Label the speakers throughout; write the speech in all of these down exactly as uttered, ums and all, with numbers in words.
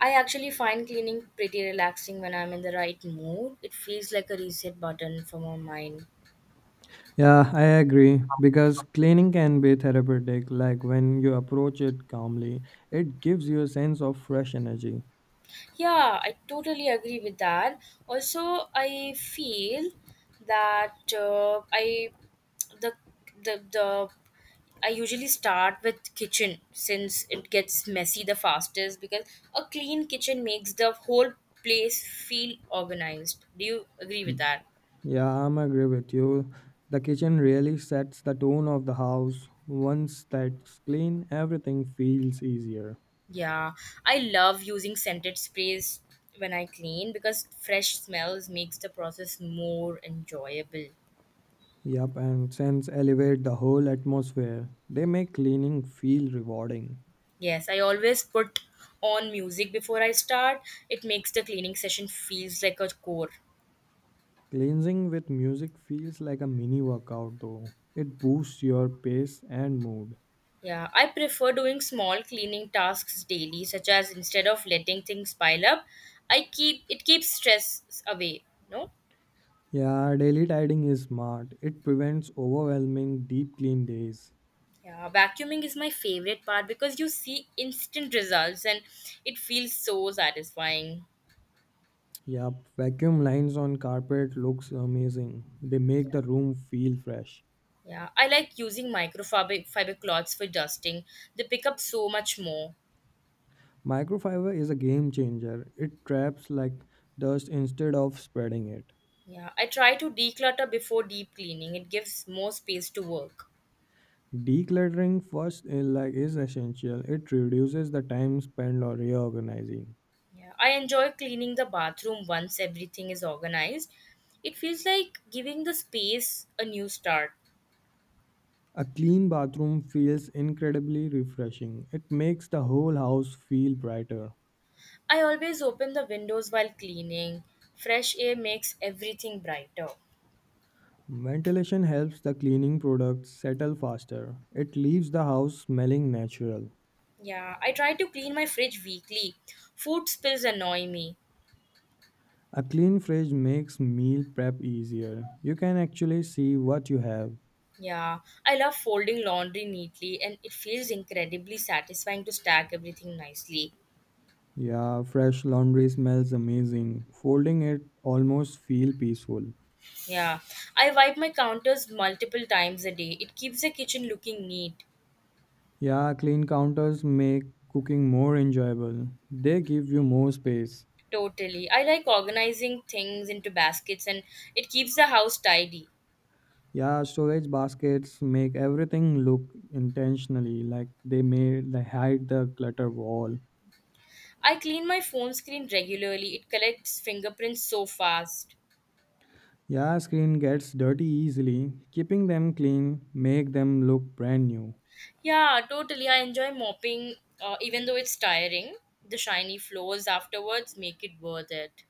Speaker 1: I actually find cleaning pretty relaxing when I'm in the right mood. It feels like a reset button for my mind.
Speaker 2: Yeah, I agree. Because cleaning can be therapeutic, like when you approach it calmly, it gives you a sense of fresh energy.
Speaker 1: Yeah, I totally agree with that. Also, I feel that uh, I the the the I usually start with kitchen since it gets messy the fastest because a clean kitchen makes the whole place feel organized. Do you agree with that?
Speaker 2: Yeah, I'm agree with you. The kitchen really sets the tone of the house. Once that's clean, everything feels easier.
Speaker 1: Yeah, I love using scented sprays when I clean because fresh smells makes the process more enjoyable.
Speaker 2: Yep, and scents elevate the whole atmosphere. They make cleaning feel rewarding.
Speaker 1: Yes, I always put on music before I start. It makes the cleaning session feels like a chore.
Speaker 2: Cleansing with music feels like a mini workout though. It boosts your pace and mood.
Speaker 1: Yeah, I prefer doing small cleaning tasks daily, such as instead of letting things pile up, I keep it keeps stress away. No,
Speaker 2: Yeah, daily tidying is smart. It prevents overwhelming deep clean days.
Speaker 1: yeah, vacuuming is my favorite part because you see instant results and it feels so satisfying.
Speaker 2: Yep, vacuum lines on carpet looks amazing. They make the room feel fresh.
Speaker 1: Yeah, I like using microfiber fiber cloths for dusting. They pick up so much more.
Speaker 2: Microfiber is a game changer. It traps like dust instead of spreading it.
Speaker 1: Yeah, I try to declutter before deep cleaning. It gives more space to work.
Speaker 2: Decluttering first is like is essential. It reduces the time spent on reorganizing.
Speaker 1: Yeah, I enjoy cleaning the bathroom once everything is organized. It feels like giving the space a new start.
Speaker 2: A clean bathroom feels incredibly refreshing. It makes the whole house feel brighter.
Speaker 1: I always open the windows while cleaning. Fresh air makes everything brighter.
Speaker 2: Ventilation helps the cleaning products settle faster. It leaves the house smelling natural.
Speaker 1: Yeah, I try to clean my fridge weekly. Food spills annoy me.
Speaker 2: A clean fridge makes meal prep easier. You can actually see what you have.
Speaker 1: Yeah, I love folding laundry neatly and it feels incredibly satisfying to stack everything nicely.
Speaker 2: Yeah, fresh laundry smells amazing. Folding it almost feel peaceful.
Speaker 1: Yeah, I wipe my counters multiple times a day. It keeps the kitchen looking neat.
Speaker 2: Yeah, clean counters make cooking more enjoyable. They give you more space.
Speaker 1: Totally. I like organizing things into baskets and it keeps the house tidy.
Speaker 2: Yeah, storage baskets make everything look intentionally like they made they hide the clutter wall.
Speaker 1: I clean my phone screen regularly. It collects fingerprints so fast.
Speaker 2: Yeah, screen gets dirty easily. Keeping them clean make them look brand new.
Speaker 1: Yeah, totally. I enjoy mopping uh, even though it's tiring. The shiny floors afterwards make it worth it.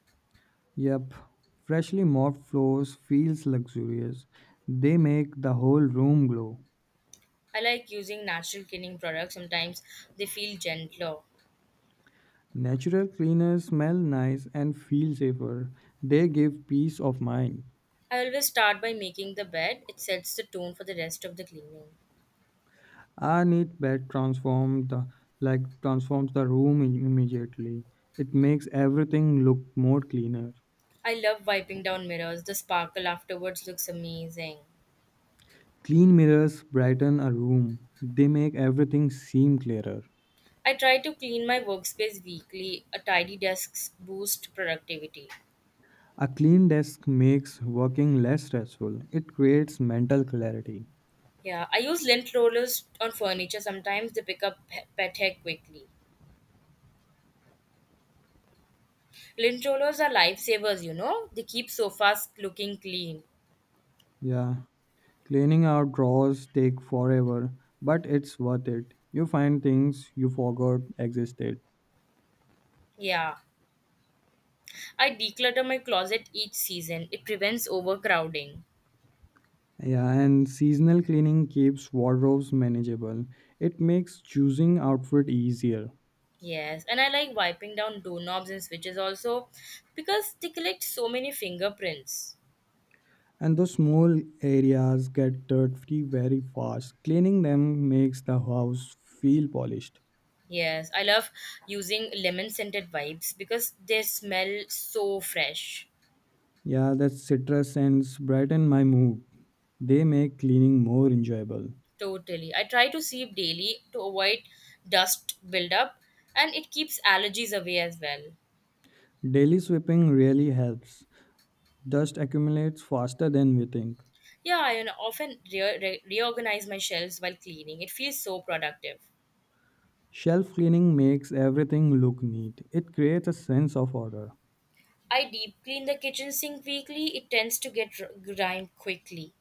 Speaker 2: Yep, freshly mopped floors feels luxurious. They make the whole room glow.
Speaker 1: I like using natural cleaning products. Sometimes they feel gentler.
Speaker 2: Natural cleaners smell nice and feel safer. They give peace of mind.
Speaker 1: I always start by making the bed. It sets the tone for the rest of the cleaning.
Speaker 2: Our neat bed transformed the, like transforms the room im- immediately. It makes everything look more cleaner.
Speaker 1: I love wiping down mirrors. The sparkle afterwards looks amazing.
Speaker 2: Clean mirrors brighten a room. They make everything seem clearer.
Speaker 1: I try to clean my workspace weekly. A tidy desk boosts productivity.
Speaker 2: A clean desk makes working less stressful. It creates mental clarity.
Speaker 1: Yeah, I use lint rollers on furniture. Sometimes they pick up pe- pet hair quickly. Lint rollers are lifesavers, you know. They keep sofas looking clean.
Speaker 2: Yeah, cleaning out drawers take forever, but it's worth it. You find things you forgot existed.
Speaker 1: Yeah. I declutter my closet each season. It prevents overcrowding.
Speaker 2: Yeah, and seasonal cleaning keeps wardrobes manageable. It makes choosing outfit easier.
Speaker 1: Yes, and I like wiping down doorknobs and switches also because they collect so many fingerprints.
Speaker 2: And those small areas get dirty very fast. Cleaning them makes the house feel polished.
Speaker 1: Yes, I love using lemon scented wipes because they smell so fresh.
Speaker 2: Yeah, that citrus scents brighten my mood. They make cleaning more enjoyable.
Speaker 1: Totally. I try to sweep daily to avoid dust buildup and it keeps allergies away as well.
Speaker 2: Daily sweeping really helps. Dust accumulates faster than we think.
Speaker 1: Yeah, I you know, often re- re- reorganize my shelves while cleaning. It feels so productive.
Speaker 2: Shelf cleaning makes everything look neat. It creates a sense of order.
Speaker 1: I deep clean the kitchen sink weekly. It tends to get r- grime quickly.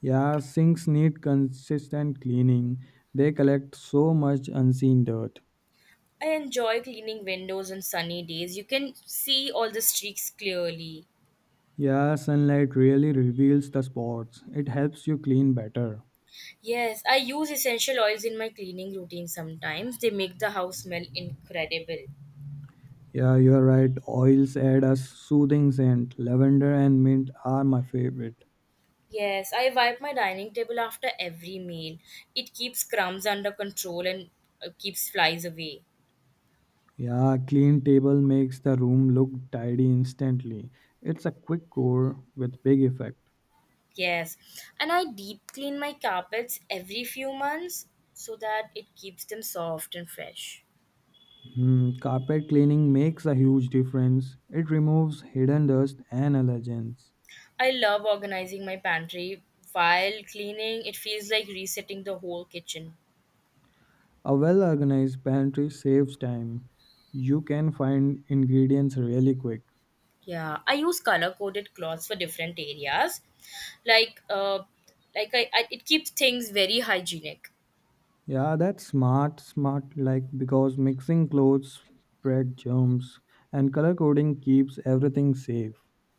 Speaker 2: Yeah, sinks need consistent cleaning. They collect so much unseen dirt.
Speaker 1: I enjoy cleaning windows on sunny days. You can see all the streaks clearly.
Speaker 2: Yeah, sunlight really reveals the spots. It helps you clean better.
Speaker 1: Yes, I use essential oils in my cleaning routine sometimes. They make the house smell incredible.
Speaker 2: Yeah, you're right. Oils add a soothing scent. Lavender and mint are my favorite.
Speaker 1: Yes, I wipe my dining table after every meal. It keeps crumbs under control and uh, keeps flies away.
Speaker 2: Yeah, clean table makes the room look tidy instantly. It's a quick core with big effect.
Speaker 1: Yes, and I deep clean my carpets every few months so that it keeps them soft and fresh.
Speaker 2: Hmm, carpet cleaning makes a huge difference. It removes hidden dust and allergens.
Speaker 1: I love organizing my pantry while cleaning. It feels like resetting the whole kitchen.
Speaker 2: A well organized pantry saves time. You can find ingredients really quick.
Speaker 1: Yeah, I use color coded cloths for different areas. Like uh like I, I it keeps things very hygienic.
Speaker 2: Yeah, that's smart, smart like because mixing clothes spread germs and color coding keeps everything safe.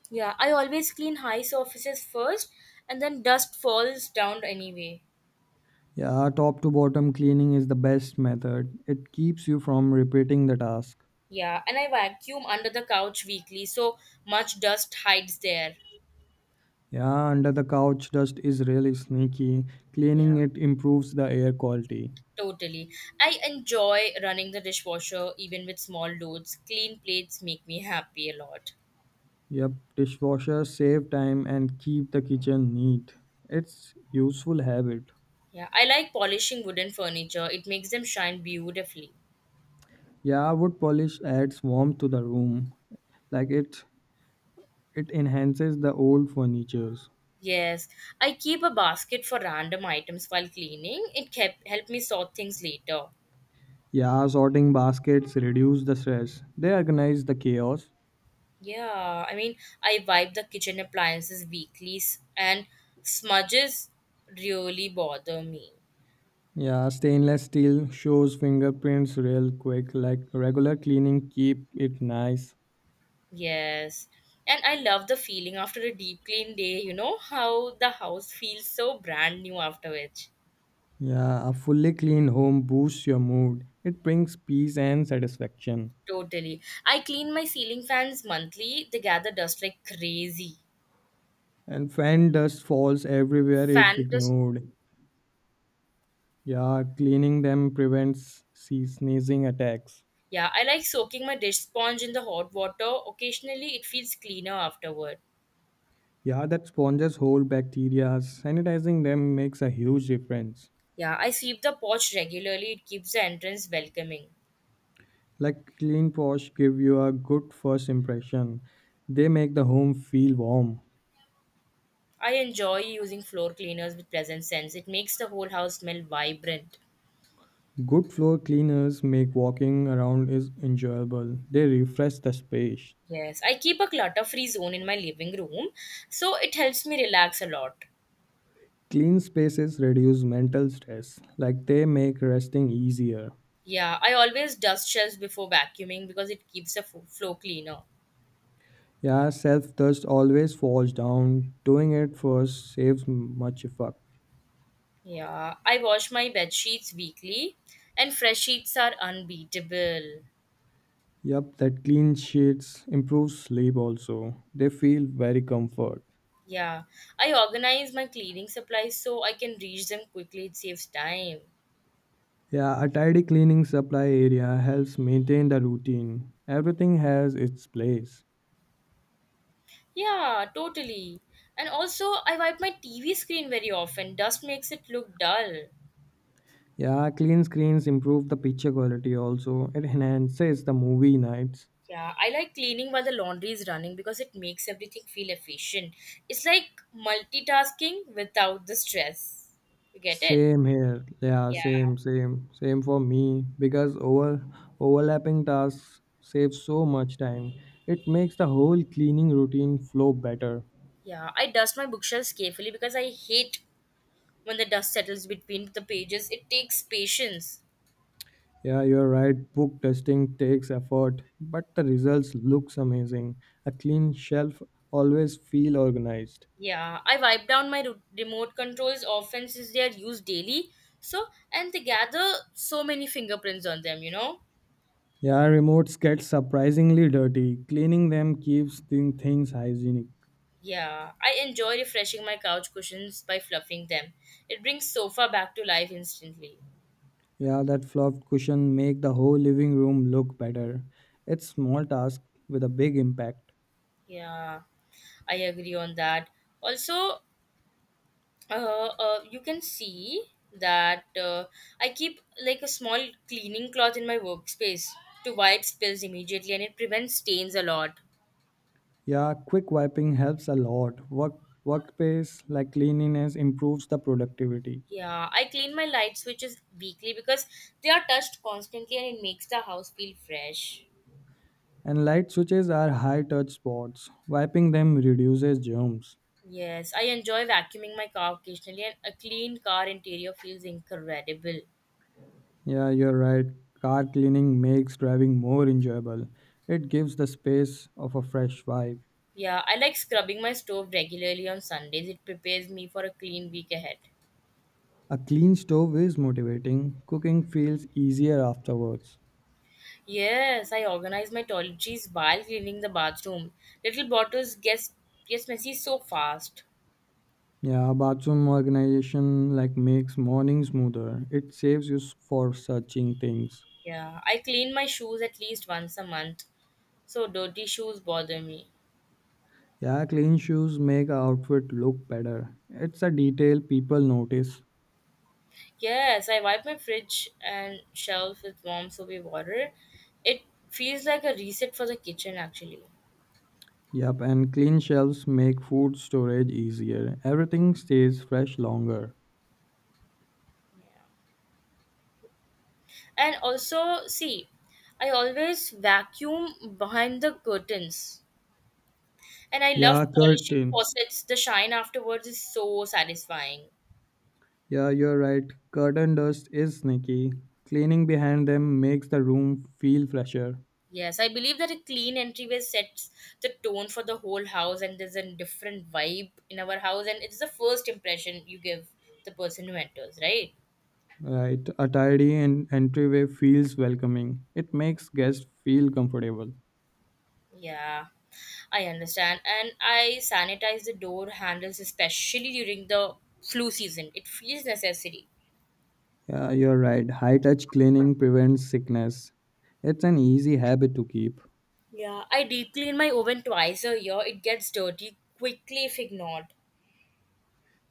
Speaker 1: Yeah, I always clean high surfaces first and then dust falls down anyway.
Speaker 2: Yeah, top to bottom cleaning is the best method. It keeps you from repeating the task.
Speaker 1: Yeah, and I vacuum under the couch weekly so much dust hides there.
Speaker 2: Yeah, under the couch dust is really sneaky.
Speaker 1: Yeah.
Speaker 2: Cleaning it improves the air quality.
Speaker 1: Totally. I enjoy running the dishwasher even with small loads. Clean plates make me happy a lot.
Speaker 2: Yep, dishwasher save time and keep the kitchen neat. It's useful habit.
Speaker 1: Yeah, I like polishing wooden furniture. It makes them shine beautifully.
Speaker 2: Yeah, wood polish adds warmth to the room. Like it It enhances the old furnitures.
Speaker 1: Yes, I keep a basket for random items while cleaning. It kept help me sort things later.
Speaker 2: Yeah, sorting baskets reduce the stress. They organize the chaos.
Speaker 1: Yeah, I mean, I wipe the kitchen appliances weekly s- and smudges really bother me.
Speaker 2: Yeah, stainless steel shows fingerprints real quick. Like regular cleaning keep it nice.
Speaker 1: Yes. And I love the feeling after a deep clean day, you know, how the house feels so brand new after which.
Speaker 2: Yeah, a fully clean home boosts your mood. It brings peace and satisfaction.
Speaker 1: Totally. I clean my ceiling fans monthly. They gather dust like crazy.
Speaker 2: And fan dust falls everywhere if
Speaker 1: Fan dust.
Speaker 2: ignored. Yeah, cleaning them prevents sea sneezing attacks.
Speaker 1: Yeah, I like soaking my dish sponge in the hot water. Occasionally, it feels cleaner afterward.
Speaker 2: Yeah, that sponges hold bacteria. Sanitizing them makes a huge difference.
Speaker 1: Yeah, I sweep the porch regularly. It keeps the entrance welcoming.
Speaker 2: Like clean paws give you a good first impression. They make the home feel warm.
Speaker 1: I enjoy using floor cleaners with pleasant scents. It makes the whole house smell vibrant.
Speaker 2: Good floor cleaners make walking around is enjoyable. They refresh the space.
Speaker 1: Yes, I keep a clutter free zone in my living room, so it helps me relax a lot.
Speaker 2: Clean spaces reduce mental stress. Like they make resting easier.
Speaker 1: Yeah, I always dust shelves before vacuuming because it keeps the fo- floor cleaner.
Speaker 2: Yeah, self dust always falls down. Doing it first saves much effort.
Speaker 1: Yeah, I wash my bed sheets weekly, and fresh sheets are unbeatable.
Speaker 2: Yep, that clean sheets improves sleep also. They feel very comfort.
Speaker 1: Yeah, I organize my cleaning supplies so I can reach them quickly, it saves time.
Speaker 2: Yeah, a tidy cleaning supply area helps maintain the routine. Everything has its place.
Speaker 1: Yeah, totally. And also, I wipe my T V screen very often. Dust makes it look dull.
Speaker 2: Yeah, clean screens improve the picture quality also. It enhances the movie nights.
Speaker 1: Yeah, I like cleaning while the laundry is running because it makes everything feel efficient. It's like multitasking without the stress. You get it?
Speaker 2: Same here. Yeah,
Speaker 1: Yeah.
Speaker 2: same, same, same for me because over overlapping tasks save so much time. It makes the whole cleaning routine flow better.
Speaker 1: Yeah, I dust my bookshelves carefully because I hate when the dust settles between the pages. It takes patience.
Speaker 2: Yeah, you're right. Book testing takes effort, but the results looks amazing. A clean shelf always feel organized.
Speaker 1: Yeah, I wipe down my ro- remote controls often since they are used daily. So, and they gather so many fingerprints on them, you know?
Speaker 2: Yeah, remotes get surprisingly dirty. Cleaning them keeps the things hygienic.
Speaker 1: Yeah, I enjoy refreshing my couch cushions by fluffing them. It brings sofa back to life instantly.
Speaker 2: Yeah, that fluffed cushion make the whole living room look better. It's small task with a big impact.
Speaker 1: Yeah, I agree on that. Also, uh, uh, you can see that uh, I keep like a small cleaning cloth in my workspace to wipe spills immediately and it prevents stains a lot.
Speaker 2: Yeah, quick wiping helps a lot. Work workplace like cleanliness improves the productivity.
Speaker 1: Yeah, I clean my light switches weekly because they are touched constantly and it makes the house feel fresh.
Speaker 2: And light switches are high touch spots. Wiping them reduces germs.
Speaker 1: Yes, I enjoy vacuuming my car occasionally, and a clean car interior feels incredible.
Speaker 2: Yeah, you're right. Car cleaning makes driving more enjoyable. It gives the space of a fresh vibe.
Speaker 1: Yeah, I like scrubbing my stove regularly on Sundays. It prepares me for a clean week ahead.
Speaker 2: A clean stove is motivating. Cooking feels easier afterwards.
Speaker 1: Yes, I organize my toiletries while cleaning the bathroom. Little bottles gets gets messy so fast.
Speaker 2: Yeah, bathroom organization like makes morning smoother. It saves you s- for searching things.
Speaker 1: Yeah, I clean my shoes at least once a month, so dirty shoes bother me.
Speaker 2: Yeah, clean shoes make a outfit look better. It's a detail people notice.
Speaker 1: Yes, I wipe my fridge and shelf with warm soapy water. It feels like a reset for the kitchen actually.
Speaker 2: Yep, and clean shelves make food storage easier. Everything stays fresh longer.
Speaker 1: And also, see, I always vacuum behind the curtains. And I love
Speaker 2: Yeah,
Speaker 1: polishing
Speaker 2: curtain.
Speaker 1: faucets. The shine afterwards is so satisfying.
Speaker 2: Yeah, you're right. Curtain dust is sneaky. Cleaning behind them makes the room feel fresher.
Speaker 1: Yes, I believe that a clean entryway sets the tone for the whole house and there's a different vibe in our house and it's the first impression you give the person who enters, right?
Speaker 2: Right, a tidy and entryway feels welcoming. It makes guests feel comfortable.
Speaker 1: Yeah, I understand. And I sanitize the door handles especially during the flu season. It feels necessary.
Speaker 2: Yeah, you're right. High touch cleaning prevents sickness. It's an easy habit to keep.
Speaker 1: Yeah, I deep clean my oven twice a year. It gets dirty quickly if ignored.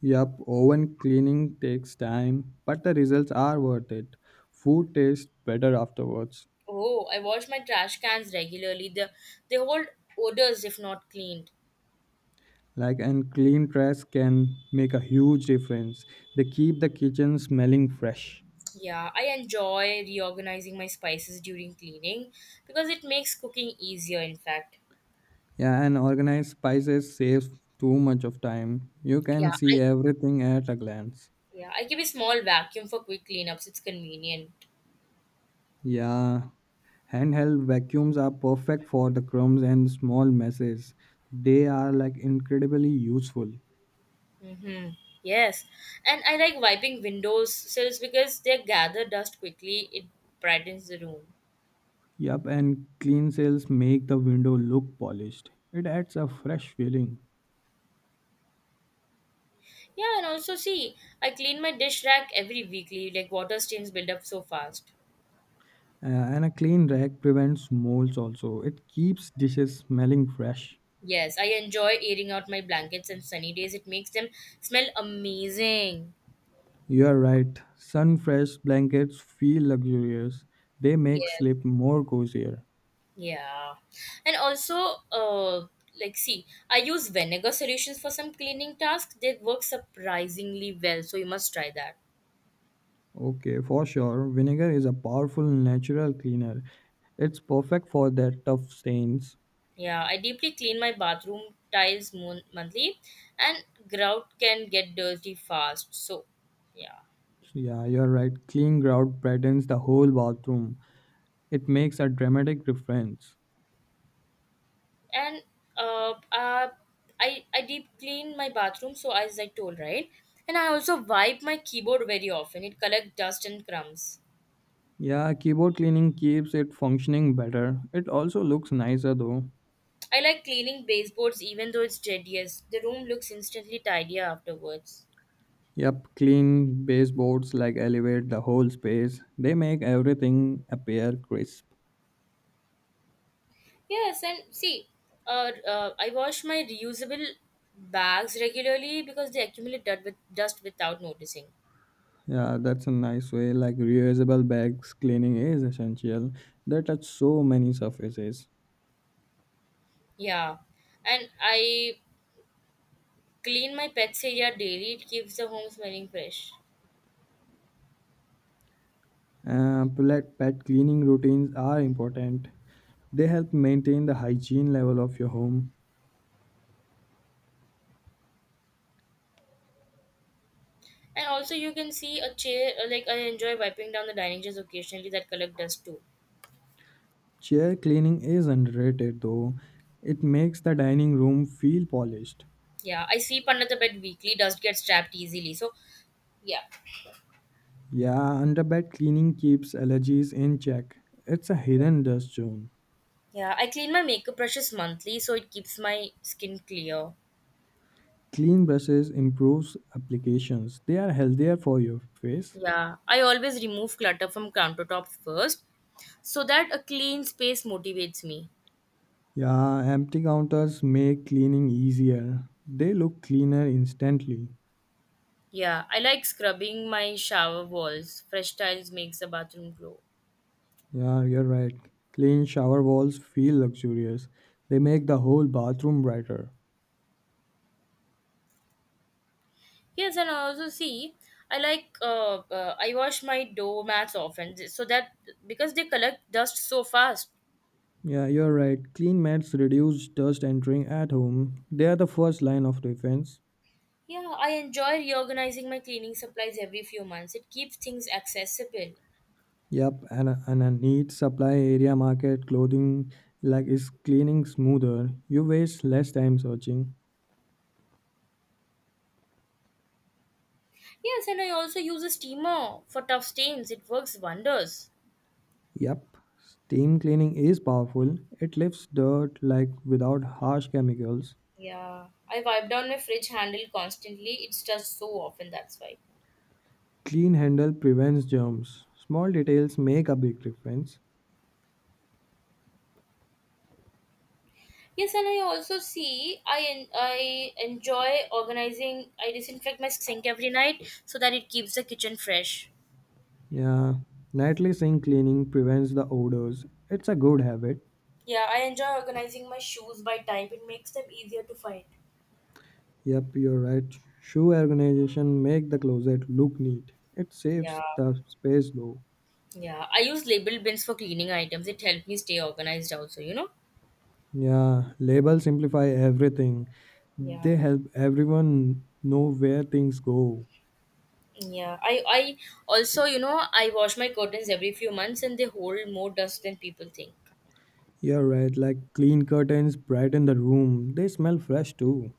Speaker 2: Yup, oven cleaning takes time, but the results are worth it. Food tastes better afterwards.
Speaker 1: Oh, I wash my trash cans regularly. They, they hold odors if not cleaned.
Speaker 2: Like, and clean trash can make a huge difference. They keep the kitchen smelling fresh.
Speaker 1: Yeah, I enjoy reorganizing my spices during cleaning because it makes cooking easier, in fact.
Speaker 2: Yeah, and organized spices saves too much of time. You
Speaker 1: Yeah,
Speaker 2: can
Speaker 1: I,
Speaker 2: see everything at a glance.
Speaker 1: yeah, I keep a small vacuum for quick cleanups. It's convenient.
Speaker 2: Yeah, handheld vacuums are perfect for the crumbs and small messes. They are like incredibly useful.
Speaker 1: Mm-hmm. Yes, and I like wiping windows sills because they gather dust quickly. It brightens the room.
Speaker 2: Yup, and clean shells make the window look polished. It adds a fresh feeling.
Speaker 1: Yeah, and also see, I clean my dish rack every weekly. Like water stains build up so fast.
Speaker 2: Uh, and a clean rack prevents molds also. It keeps dishes smelling fresh.
Speaker 1: Yes, I enjoy airing out my blankets on sunny days. It makes them smell amazing.
Speaker 2: You are right. Sun fresh blankets feel luxurious. They make
Speaker 1: Yes,
Speaker 2: sleep more cozier.
Speaker 1: yeah, and also, uh, like see, I use vinegar solutions for some cleaning tasks. They work surprisingly well, so you must try that.
Speaker 2: Okay, for sure. Vinegar is a powerful natural cleaner. It's perfect for that tough stains.
Speaker 1: Yeah, I deeply clean my bathroom tiles mon- monthly, and grout can get dirty fast. So, yeah.
Speaker 2: Yeah, you're right. Clean grout brightens the whole bathroom. It makes a dramatic difference.
Speaker 1: And uh, uh, I I deep clean my bathroom, so as I told right, and I also wipe my keyboard very often. It collects dust and crumbs.
Speaker 2: Yeah, keyboard cleaning keeps it functioning better. It also looks nicer though.
Speaker 1: I like cleaning baseboards even though it's tedious. The room looks instantly tidier afterwards.
Speaker 2: Yep, clean baseboards like elevate the whole space. They make everything appear crisp.
Speaker 1: Yes, and see, uh, uh, I wash my reusable bags regularly because they accumulate dirt with dust without noticing.
Speaker 2: Yeah, that's a nice way. Like reusable bags cleaning is essential. They touch so many surfaces.
Speaker 1: Yeah, and I clean my pets area daily. It keeps the home smelling fresh.
Speaker 2: Uh, pet pet cleaning routines are important. They help maintain the hygiene level of your home.
Speaker 1: And also, you can see a chair. uh, Like I enjoy wiping down the dining chairs occasionally that collect dust too.
Speaker 2: Chair cleaning is underrated though. It makes the dining room feel polished.
Speaker 1: Yeah, I sweep under the bed weekly. Dust gets trapped easily. So, yeah,
Speaker 2: Yeah, underbed cleaning keeps allergies in check. It's a hidden dust zone.
Speaker 1: yeah. I clean my makeup brushes monthly, so it keeps my skin clear.
Speaker 2: Clean brushes improves applications. They are healthier for your face.
Speaker 1: Yeah, I always remove clutter from countertop first, so that a clean space motivates me.
Speaker 2: Yeah, empty counters make cleaning easier. They look cleaner instantly.
Speaker 1: Yeah, I like scrubbing my shower walls. Fresh tiles makes the bathroom glow.
Speaker 2: Yeah, you're right. Clean shower walls feel luxurious. They make the whole bathroom brighter.
Speaker 1: Yes, and also see, I like uh, uh, I wash my doormats often, so that because they collect dust so fast.
Speaker 2: Yeah, you're right. Clean mats reduce dust entering at home. They are the first line of defense.
Speaker 1: Yeah, I enjoy reorganizing my cleaning supplies every few months. It keeps things accessible.
Speaker 2: Yep, and a, and a neat supply area market clothing like is cleaning smoother. You waste less time searching.
Speaker 1: Yes, and I also use a steamer for tough stains. It works wonders.
Speaker 2: Yep, steam cleaning is powerful. It lifts dirt like without harsh chemicals.
Speaker 1: Yeah, I wipe down my fridge handle constantly. It's just so often, that's why.
Speaker 2: Clean handle prevents germs. Small details make a big difference.
Speaker 1: Yes, and I also see I en- I enjoy organizing. I disinfect my sink every night so that it keeps the kitchen fresh.
Speaker 2: Yeah, nightly sink cleaning prevents the odors. It's a good habit.
Speaker 1: Yeah, I enjoy organizing my shoes by type. It makes them easier to find.
Speaker 2: Yep, you're right. Shoe organization make the closet look neat. It
Speaker 1: Yeah,
Speaker 2: saves the space though.
Speaker 1: yeah. I use label bins for cleaning items. It helped me stay organized also, you know?
Speaker 2: Yeah, labels simplify everything.
Speaker 1: Yeah.
Speaker 2: They help everyone know where things go.
Speaker 1: Yeah. I, I also, you know, I wash my curtains every few months and they hold more dust than people think.
Speaker 2: You're right, like clean curtains brighten the room. They smell fresh too.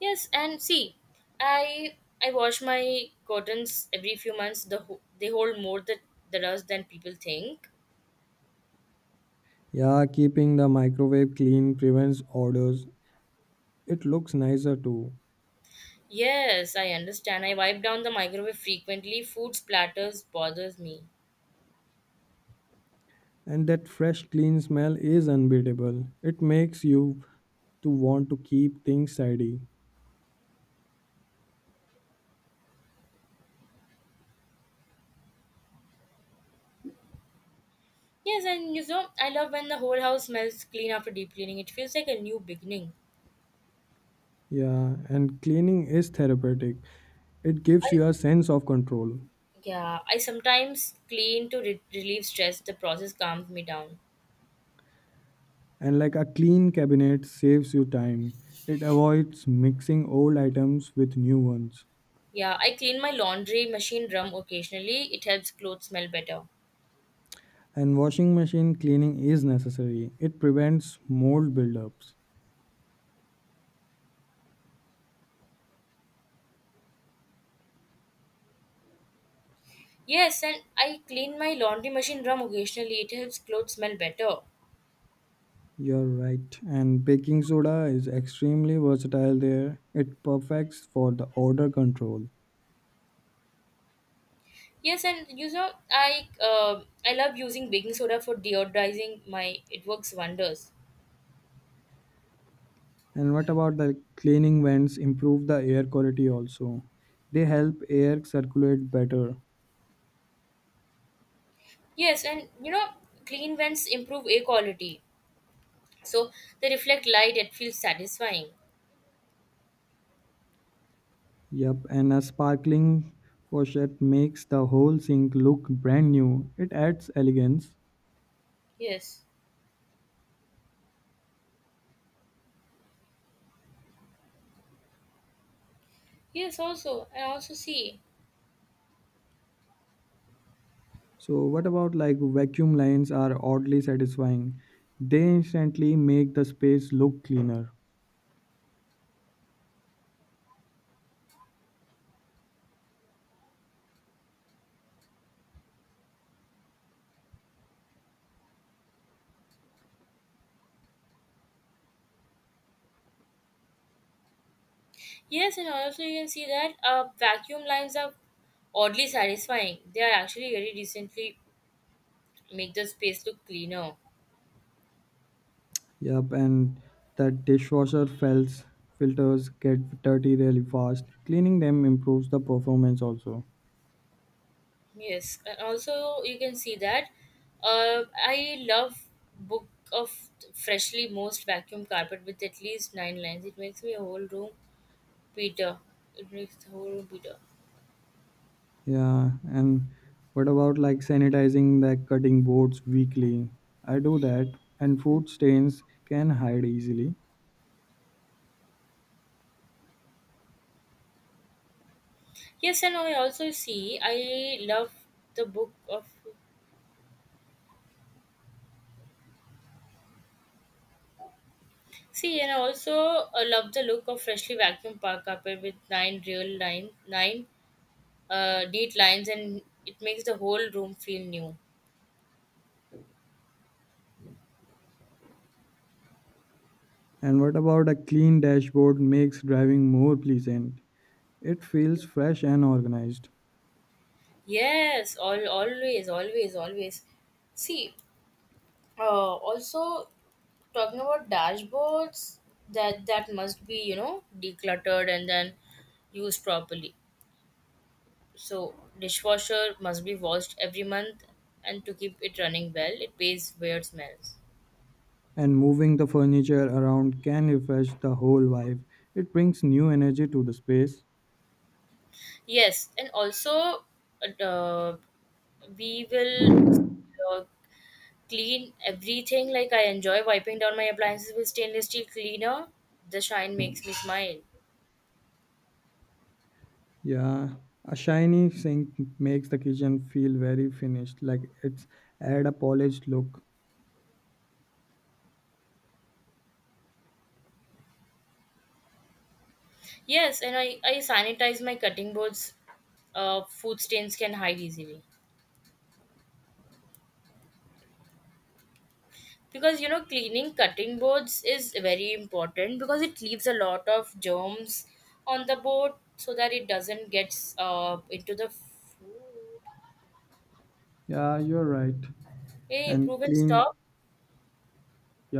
Speaker 1: Yes, and see, I I wash my curtains every few months. The ho- they hold more the, the dust than people think.
Speaker 2: Yeah, keeping the microwave clean prevents odors. It looks nicer too.
Speaker 1: Yes, I understand. I wipe down the microwave frequently. Food splatters bothers me.
Speaker 2: And that fresh clean smell is unbeatable. It makes you to want to keep things tidy.
Speaker 1: Yes, and you know, I love when the whole house smells clean after deep cleaning. It feels like a new beginning.
Speaker 2: Yeah, and cleaning is therapeutic. It gives
Speaker 1: I,
Speaker 2: you a sense of control.
Speaker 1: yeah, I sometimes clean to re- relieve stress. The process calms me down.
Speaker 2: And like a clean cabinet saves you time. It avoids mixing old items with new ones.
Speaker 1: Yeah, I clean my laundry machine drum occasionally. It helps clothes smell better.
Speaker 2: And washing machine cleaning is necessary. It prevents mold buildups.
Speaker 1: Yes, and I clean my laundry machine drum occasionally. It helps clothes smell better.
Speaker 2: You're right. And baking soda is extremely versatile there. It perfects for the odor control.
Speaker 1: Yes, and you know, I uh, I love using baking soda for deodorizing my. It works wonders.
Speaker 2: And what about the cleaning vents improve the air quality also? They help air circulate better.
Speaker 1: Yes, and you know, clean vents improve air quality. So they reflect light and feel satisfying.
Speaker 2: Yep, and a sparkling faucet makes the whole sink look brand new. It adds elegance.
Speaker 1: Yes. Yes, also. I also see.
Speaker 2: So, what about like vacuum lines are oddly satisfying? They instantly make the space look cleaner.
Speaker 1: Yes, and also you can see that uh, vacuum lines are oddly satisfying. They are actually very decently make the space look cleaner.
Speaker 2: Yep, and that dishwasher felts filters get dirty really fast. Cleaning them improves the performance also.
Speaker 1: Yes. And also you can see that uh, I love book of freshly moist vacuum carpet with at least nine lines. It makes me a whole room Peter. It makes the whole room Peter.
Speaker 2: Yeah, and what about like sanitizing the cutting boards weekly? I do that, and food stains can hide easily.
Speaker 1: Yes, and I also see I love the book of. See, and I also uh, love the look of freshly vacuum park carpet with nine real line, nine uh, neat lines, and it makes the whole room feel new.
Speaker 2: And what about a clean dashboard makes driving more pleasant? It feels fresh and organized.
Speaker 1: Yes, all always, always, always. See, uh, also talking about dashboards, that that must be you know decluttered and then used properly. So dishwasher must be washed every month, and to keep it running well, it pays weird smells.
Speaker 2: And moving the furniture around can refresh the whole vibe. It brings new energy to the space.
Speaker 1: Yes, and also uh, we will uh, clean everything. Like I enjoy wiping down my appliances with stainless steel cleaner. The shine makes me smile.
Speaker 2: Yeah, a shiny sink makes the kitchen feel very finished, like it's add a polished look.
Speaker 1: Yes, and I, I sanitize my cutting boards. Uh, food stains can hide easily. Because you know, cleaning cutting boards is very important because it leaves a lot of germs on the board so that it doesn't get uh, into the food.
Speaker 2: Yeah, you're right.
Speaker 1: Hey,
Speaker 2: And
Speaker 1: prove and
Speaker 2: clean,
Speaker 1: stop.
Speaker 2: yeah.